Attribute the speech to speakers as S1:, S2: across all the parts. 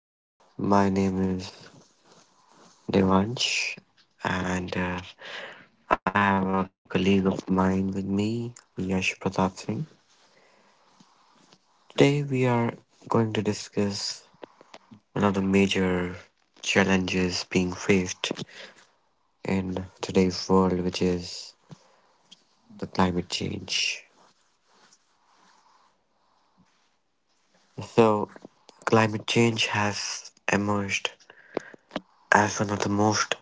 S1: So my name is Devansh, and I have a colleague of mine with me, Yash Pratap Singh. Today we are going to discuss one of the major challenges being faced in today's world, which is the climate change. So climate change has emerged as one of the most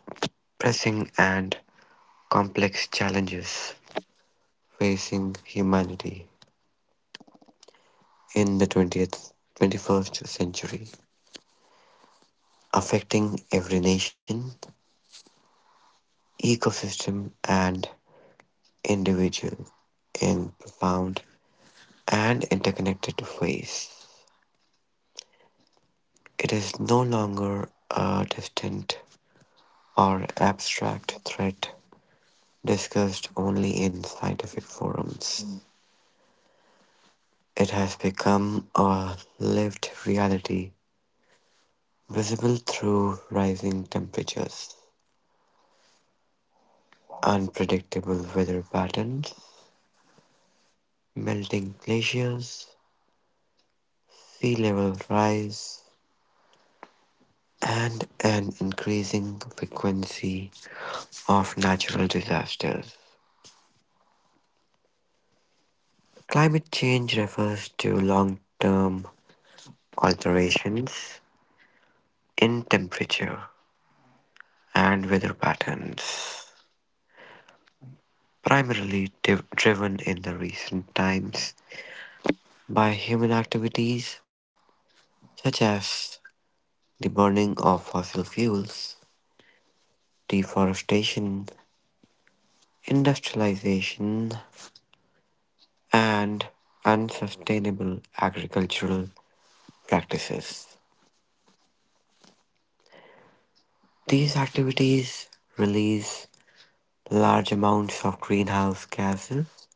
S1: pressing and complex challenges facing humanity in the 20th, 21st century, affecting every nation, ecosystem, and individual in profound and interconnected ways. It is no longer a distant or abstract threat discussed only in scientific forums. It has become a lived reality visible through rising temperatures, unpredictable weather patterns, melting glaciers, sea level rise, and an increasing frequency of natural disasters. Climate change refers to long term alterations in temperature and weather patterns, primarily driven in the recent times by human activities such as the burning of fossil fuels, deforestation, industrialization, and unsustainable agricultural practices. These activities release large amounts of greenhouse gases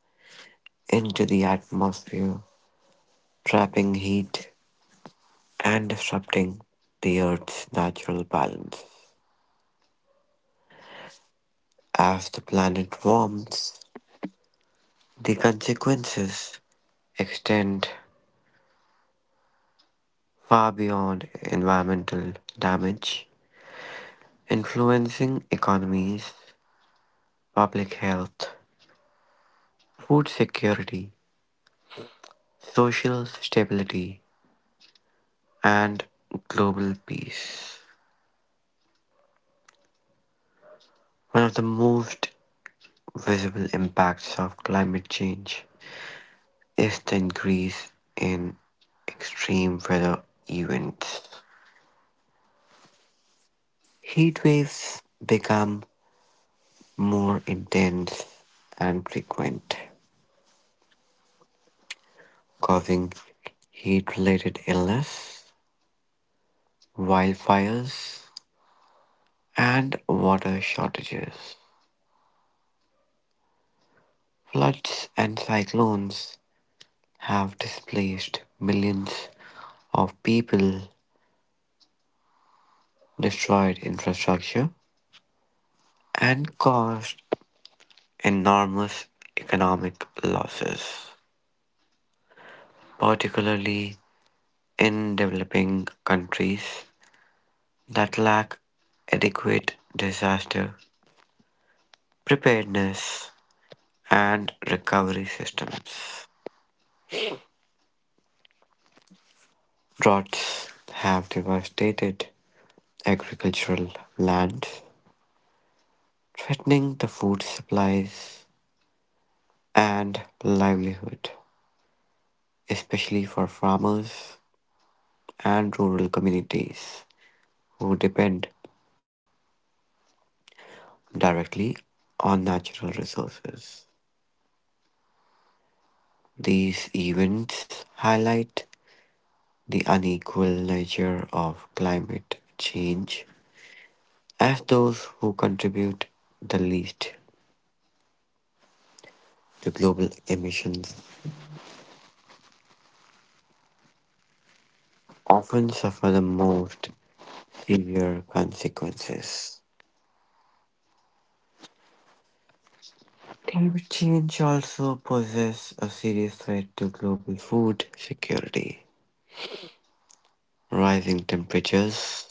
S1: into the atmosphere, trapping heat and disrupting the Earth's natural balance. As the planet warms, the consequences extend far beyond environmental damage, influencing economies, public health, food security, social stability, and global peace. One of the most visible impacts of climate change is the increase in extreme weather events. Heat waves become more intense and frequent, causing heat related illness, wildfires, and water shortages. Floods and cyclones have displaced millions of people, destroyed infrastructure, and caused enormous economic losses, particularly in developing countries that lack adequate disaster preparedness and recovery systems. Droughts have devastated agricultural lands, threatening the food supplies and livelihood, especially for farmers and rural communities who depend directly on natural resources. These events highlight the unequal nature of climate change, as those who contribute the least to global emissions often suffer the most severe consequences. Climate change also poses a serious threat to global food security. Rising temperatures,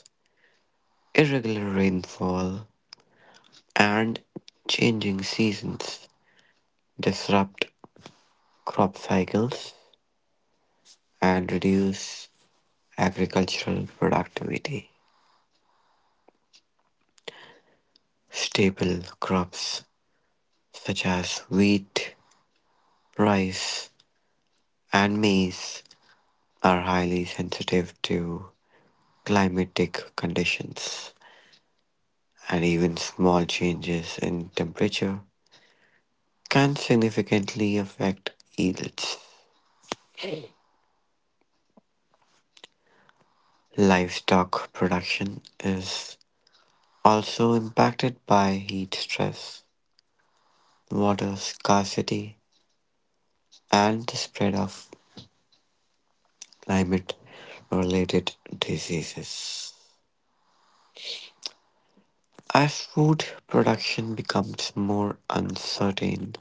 S1: irregular rainfall, and changing seasons disrupt crop cycles and reduce agricultural productivity. Staple crops such as wheat, rice, and maize are highly sensitive to climatic conditions, and even small changes in temperature can significantly affect yields. Livestock production is also impacted by heat stress, water scarcity, and the spread of climate related diseases. As food production becomes more uncertain,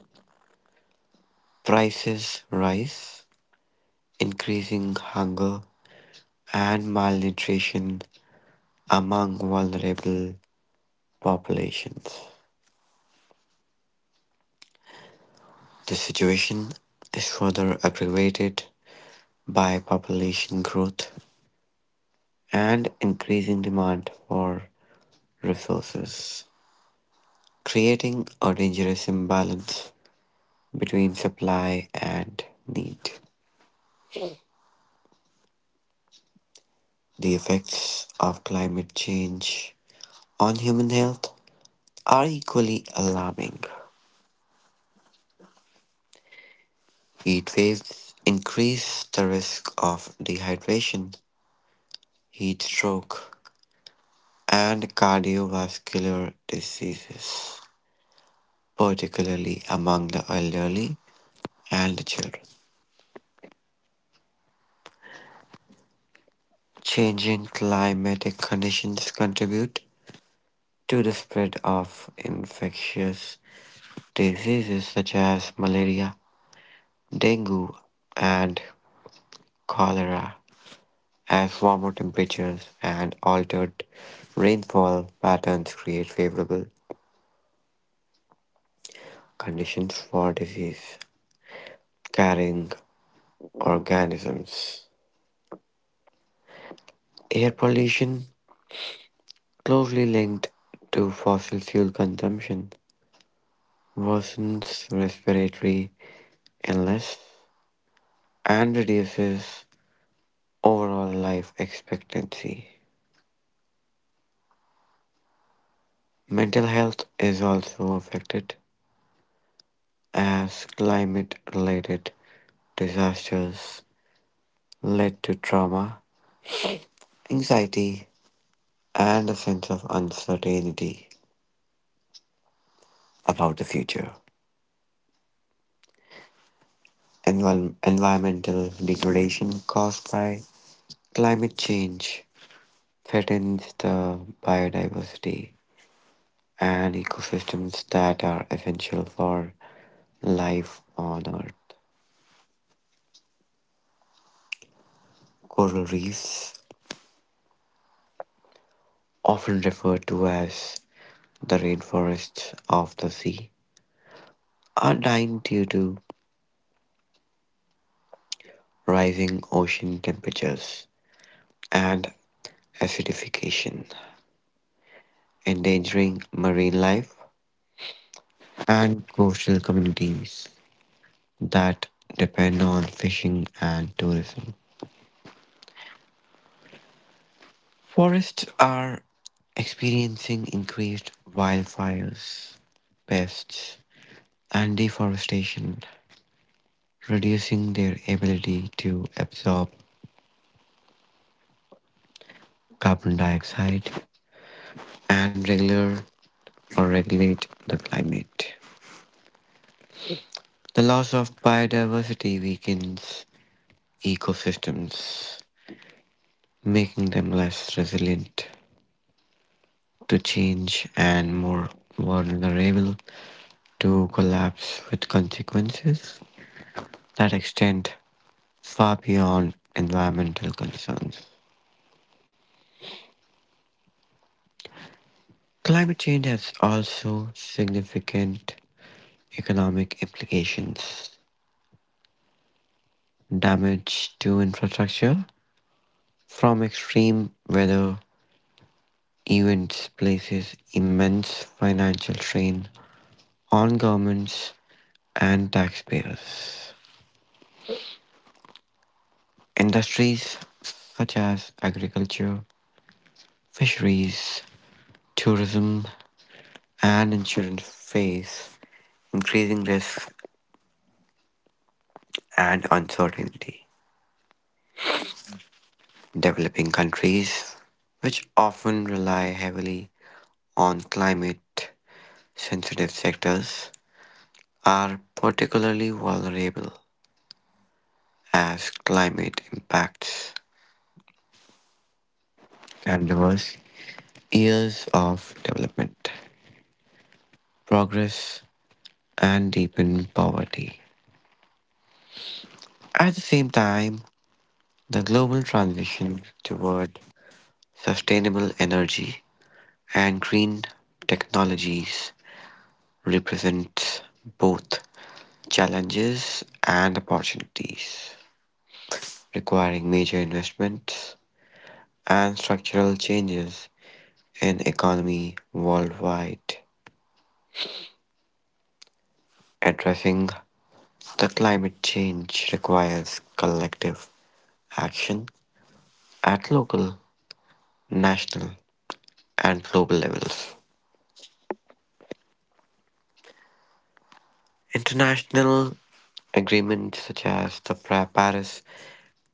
S1: prices rise, increasing hunger and malnutrition among vulnerable populations. The situation is further aggravated by population growth and increasing demand for resources, creating a dangerous imbalance between supply and need. The effects of climate change on human health are equally alarming. Heat waves increase the risk of dehydration, heat stroke, and cardiovascular diseases, particularly among the elderly and the children. Changing climatic conditions contribute to the spread of infectious diseases such as malaria, dengue, and cholera, as warmer temperatures and altered rainfall patterns create favorable conditions for disease carrying organisms. Air pollution, closely linked to fossil fuel consumption, worsens respiratory illness and reduces overall life expectancy. Mental health is also affected as climate related disasters led to trauma, anxiety, and a sense of uncertainty about the future. Environmental degradation caused by climate change threatens the biodiversity and ecosystems that are essential for life on Earth. Coral reefs, often referred to as the rainforests of the sea, are dying due to rising ocean temperatures and acidification, endangering marine life and coastal communities that depend on fishing and tourism. Forests are experiencing increased wildfires, pests, and deforestation, reducing their ability to absorb carbon dioxide and regular or regulate the climate. The loss of biodiversity weakens ecosystems, making them less resilient to change and more vulnerable to collapse, with consequences that extend far beyond environmental concerns. Climate change has also significant economic implications. Damage to infrastructure from extreme weather events places immense financial strain on governments and taxpayers. Industries such as agriculture, fisheries, tourism, and insurance face increasing risk and uncertainty. Developing countries, which often rely heavily on climate sensitive sectors, are particularly vulnerable as climate impacts can reverse years of development, progress, and deepen poverty. At the same time, the global transition toward sustainable energy and green technologies represents both challenges and opportunities, requiring major investments and structural changes in economy worldwide. Addressing the climate change requires collective action at local, national, and global levels. International agreements such as the Paris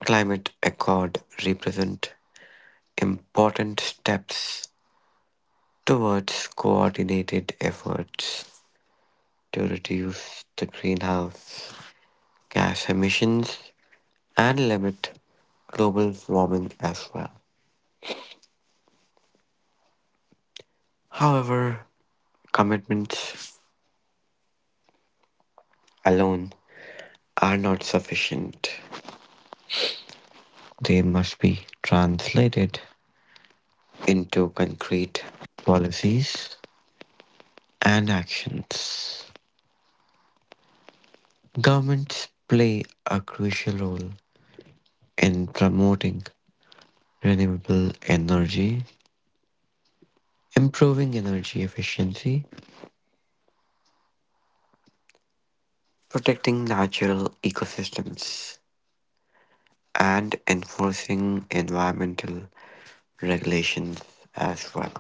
S1: Climate Accord represent important steps towards coordinated efforts to reduce the greenhouse gas emissions and limit global warming as well. However, commitments alone are not sufficient. They must be translated into concrete policies and actions. Governments play a crucial role in promoting renewable energy, improving energy efficiency, protecting natural ecosystems, and enforcing environmental regulations as well.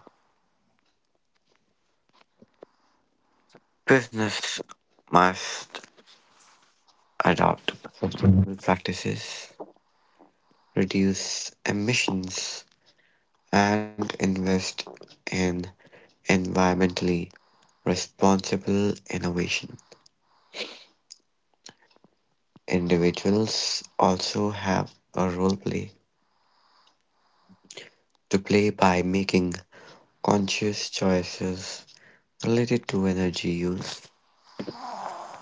S1: Business must adopt sustainable practices, reduce emissions, and invest in environmentally responsible innovation. Individuals also have a role play to play by making conscious choices related to energy use,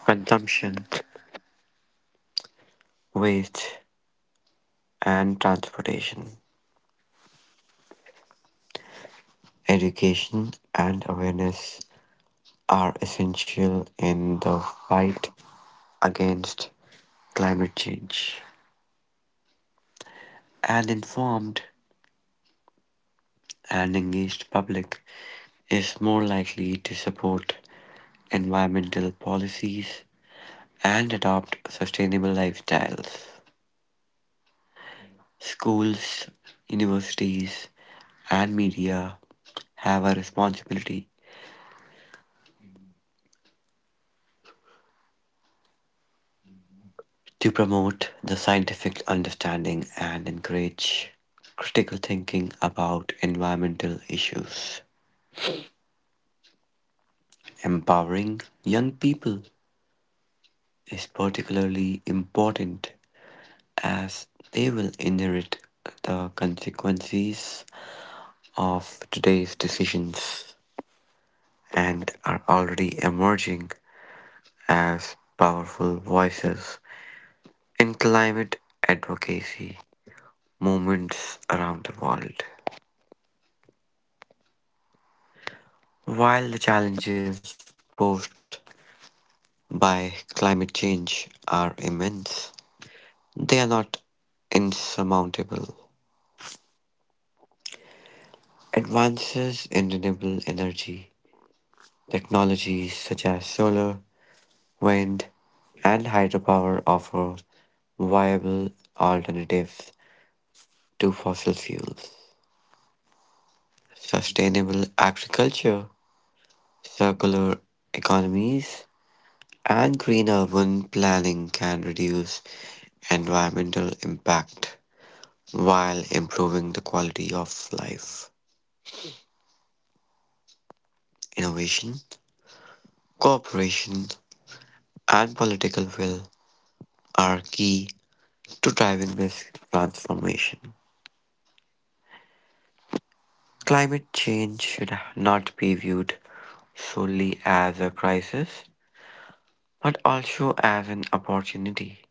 S1: consumption, waste, and transportation. Education and awareness are essential in the fight against climate change. An informed and engaged public is more likely to support environmental policies and adopt sustainable lifestyles. Schools, universities, and media have a responsibility to promote the scientific understanding and encourage critical thinking about environmental issues. Empowering young people is particularly important, as they will inherit the consequences of today's decisions and are already emerging as powerful voices in climate advocacy movements around the world. While the challenges posed by climate change are immense, they are not insurmountable. Advances in renewable energy technologies such as solar, wind, and hydropower offer viable alternatives to fossil fuels. Sustainable agriculture, circular economies, and green urban planning can reduce environmental impact while improving the quality of life. Innovation, cooperation, and political will are key to driving this transformation. Climate change should not be viewed solely as a crisis, but also as an opportunity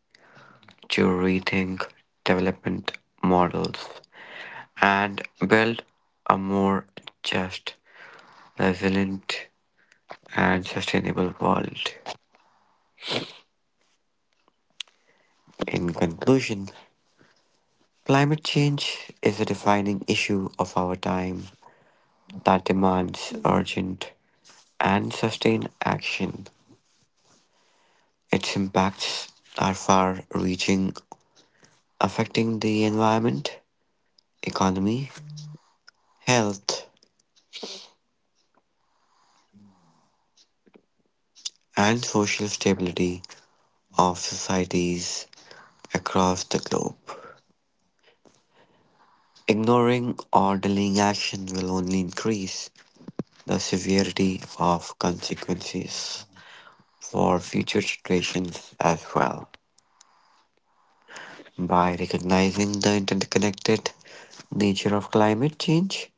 S1: to rethink development models and build a more just, resilient, and sustainable world. In conclusion, climate change is a defining issue of our time that demands urgent and sustained action. Its impacts are far reaching, affecting the environment, economy, health, and social stability of societies across the globe. Ignoring or delaying action will only increase the severity of consequences for future situations as well. By recognizing the interconnected nature of climate change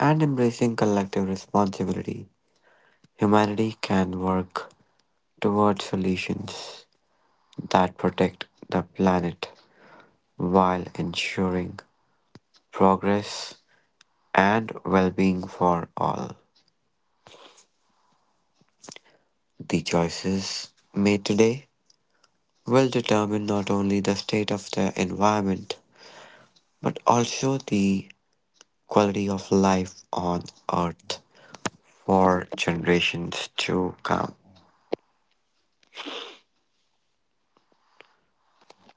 S1: and embracing collective responsibility, humanity can work towards solutions that protect the planet while ensuring progress and well being for all. The choices made today will determine not only the state of their environment but also the quality of life on Earth for generations to come.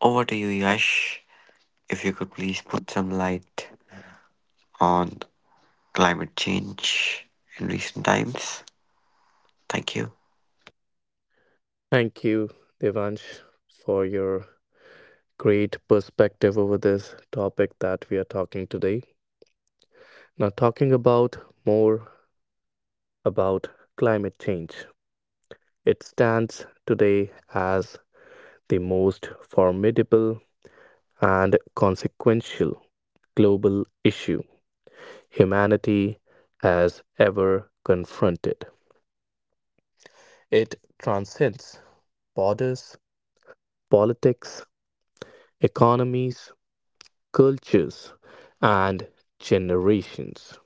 S1: Over to you, Yash. If you could please put some light on climate change in recent times. Thank you.
S2: Thank you, Devansh, for your great perspective over this topic that we are talking today. Now, talking about more about climate change, it stands today as the most formidable and consequential global issue humanity has ever confronted. It transcends borders, politics, economies, cultures, and generations.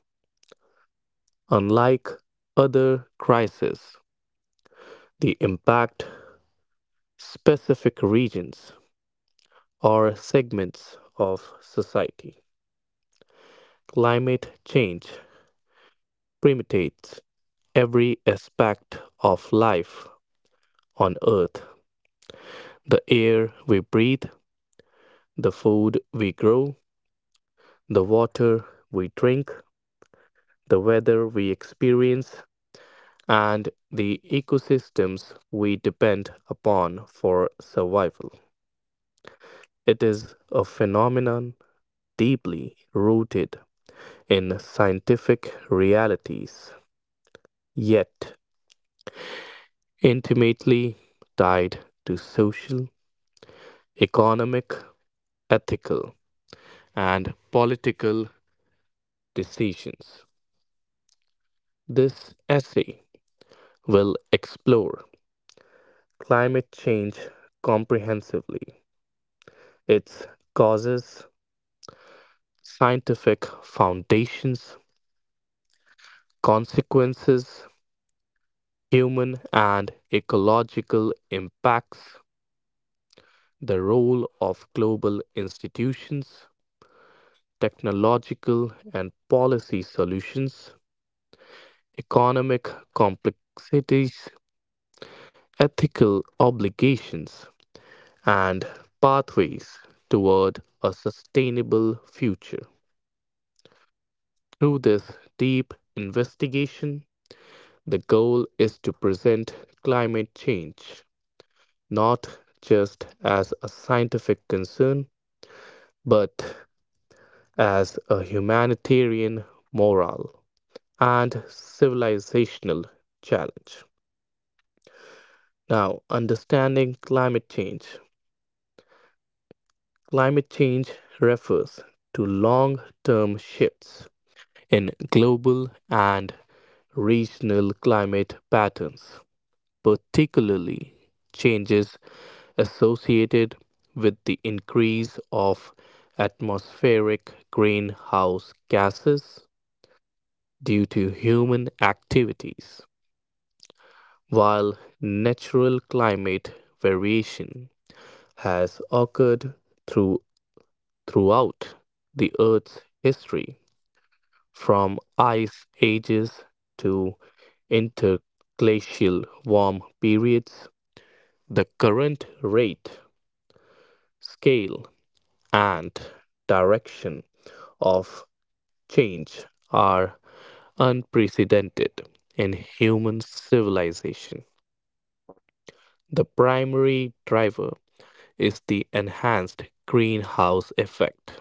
S2: Unlike other crises, the impact specific regions or segments of society. Climate change permeates every aspect of life on Earth the air we breathe, the food we grow, the water we drink, the weather we experience, and the ecosystems we depend upon for survival. It is a phenomenon deeply rooted in scientific realities, yet intimately tied to social, economic, ethical, and political decisions. This essay will explore climate change comprehensively, its causes, scientific foundations, consequences, human and ecological impacts, the role of global institutions, technological and policy solutions, economic complexities, ethical obligations, and pathways toward a sustainable future. Through this deep investigation, the goal is to present climate change not just as a scientific concern, but as a humanitarian, moral, and civilizational challenge. Now, understanding climate change. Climate change refers to long term shifts in global and regional climate patterns, particularly changes associated with the increase of atmospheric greenhouse gases due to human activities, while natural climate variation has occurred through, throughout the Earth's history, from ice ages to interglacial warm periods. The current rate, scale, and direction of change are unprecedented in human civilization. The primary driver is the enhanced greenhouse effect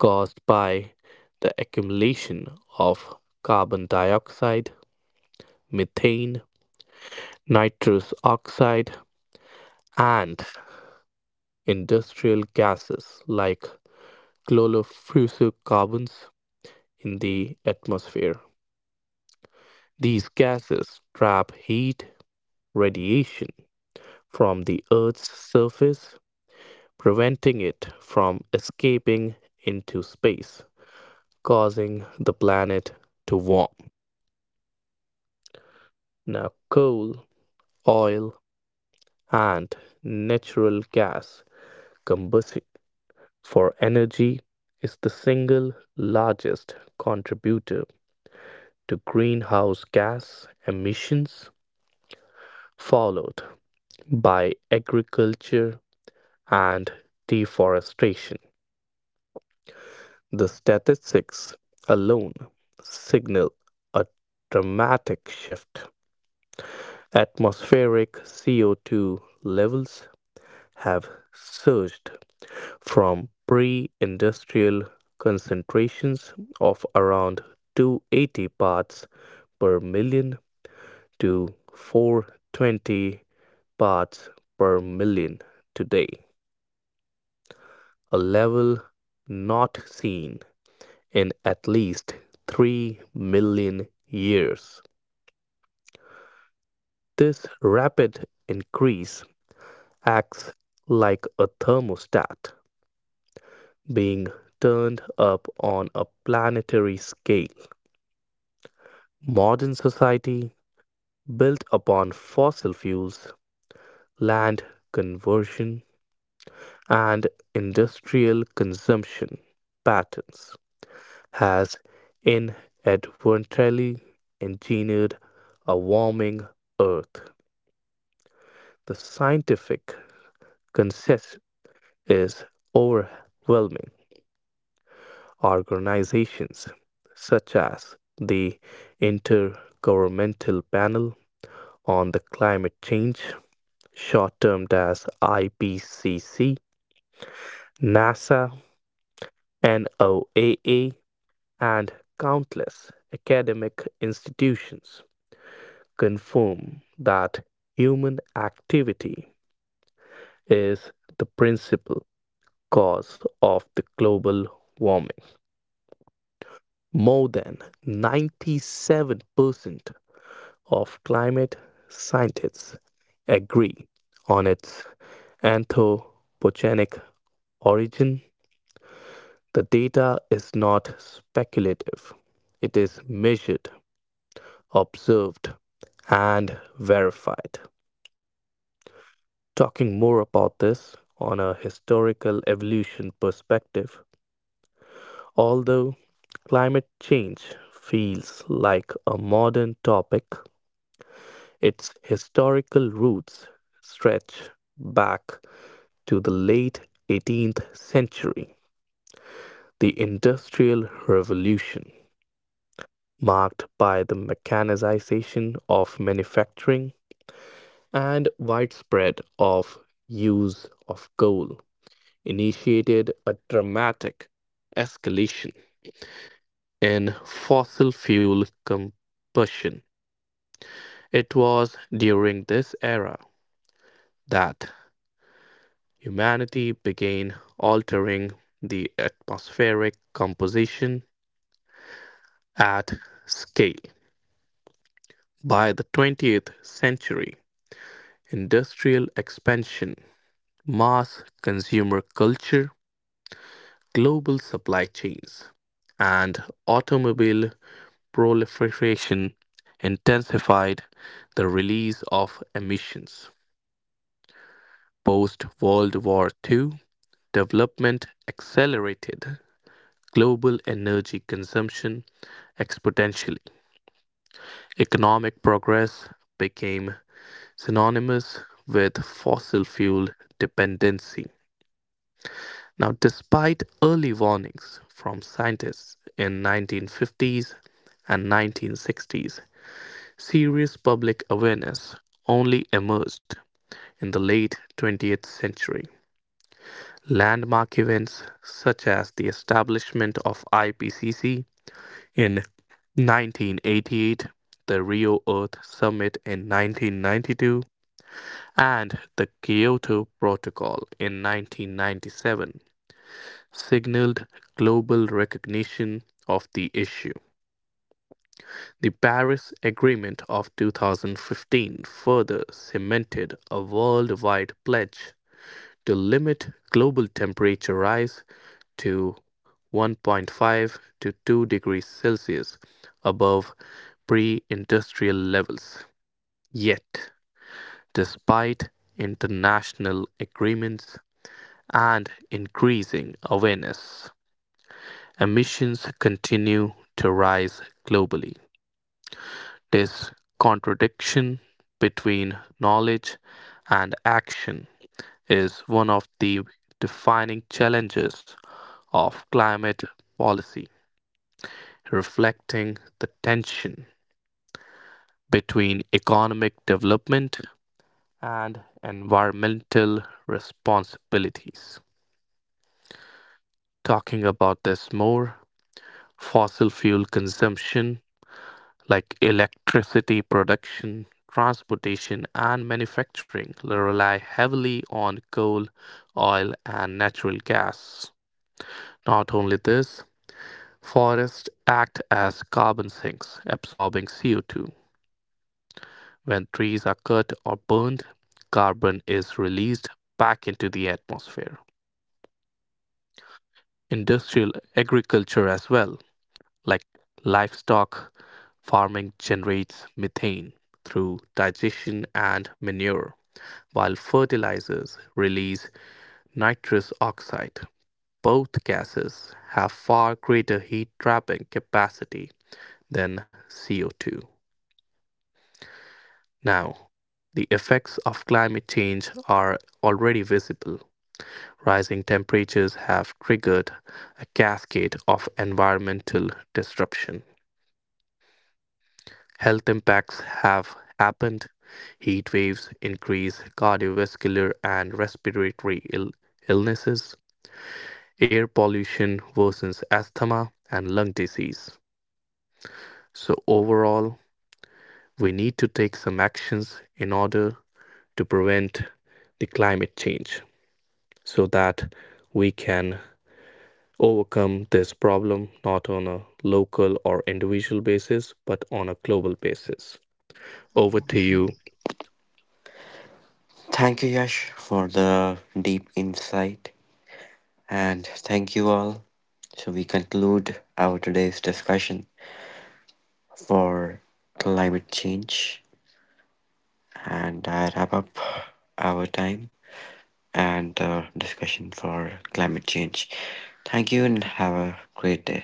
S2: caused by the accumulation of carbon dioxide, methane, nitrous oxide, and industrial gases like chlorofluorocarbons in the atmosphere. These gases trap heat radiation from the Earth's surface, preventing it from escaping into space, causing the planet to warm. Now, coal, oil, and natural gas combustion for energy is the single largest contributor to greenhouse gas emissions, followed by agriculture and deforestation. The statistics alone signal a dramatic shift. Atmospheric CO2 levels have surged from pre industrial concentrations of around 280 parts per million to 420 parts per million today, a level not seen in at least 3 million years. This rapid increase acts like a thermostat being turned up on a planetary scale. Modern society, built upon fossil fuels, land conversion, and industrial consumption patterns, has inadvertently engineered a warming Earth. The scientific consensus is overwhelming. Organizations such as the Intergovernmental Panel on the Climate Change, short termed as IPCC, NASA, NOAA, and countless academic institutions confirm that human activity is the principal cause of the global warming. More than 97% of climate scientists agree on its anthropogenic origin. The data is not speculative, it is measured, observed, and verified. Talking more about this on a historical evolution perspective, although climate change feels like a modern topic, its historical roots stretch back to the late 18th century. The Industrial Revolution, marked by the mechanization of manufacturing and widespread of use of coal, initiated a dramatic escalation in fossil fuel combustion. It was during this era that humanity began altering the atmospheric composition at scale. By the 20th century, industrial expansion, mass consumer culture, global supply chains, and automobile proliferation intensified the release of emissions. Post World War II, development accelerated global energy consumption exponentially. Economic progress became synonymous with fossil fuel dependency. Now, despite early warnings from scientists in 1950s and 1960s, serious public awareness only emerged in the late 20th century. Landmark events such as the establishment of IPCC in 1988, the Rio Earth Summit in 1992, and the Kyoto Protocol in 1997 signaled global recognition of the issue. The Paris Agreement of 2015 further cemented a worldwide pledge to limit global temperature rise to 1.5 to 2 degrees Celsius above pre industrial levels. Yet, despite international agreements and increasing awareness, emissions continue to rise globally. This contradiction between knowledge and action is one of the defining challenges of climate policy, reflecting the tension between economic development and environmental responsibilities. Talking about this more, fossil fuel consumption, like electricity production, transportation, and manufacturing, rely heavily on coal, oil, and natural gas. Not only this, forests act as carbon sinks, absorbing CO2. When trees are cut or burned, carbon is released back into the atmosphere. Industrial agriculture, as well, like livestock farming, generates methane through digestion and manure, while fertilizers release nitrous oxide. Both gases have far greater heat trapping capacity than CO2. Now, the effects of climate change are already visible. Rising temperatures have triggered a cascade of environmental disruption. Health impacts have happened. Heat waves increase cardiovascular and respiratory illnesses. Air pollution worsens asthma and lung disease. So, overall, we need to take some actions in order to prevent the climate change, so that we can overcome this problem not on a local or individual basis but on a global basis. Over to you,
S1: Thank you, Yash, for the deep insight. And thank you all. So, we conclude our today's discussion for climate change, and I wrap up our time and the discussion for climate change. Thank you and have a great day.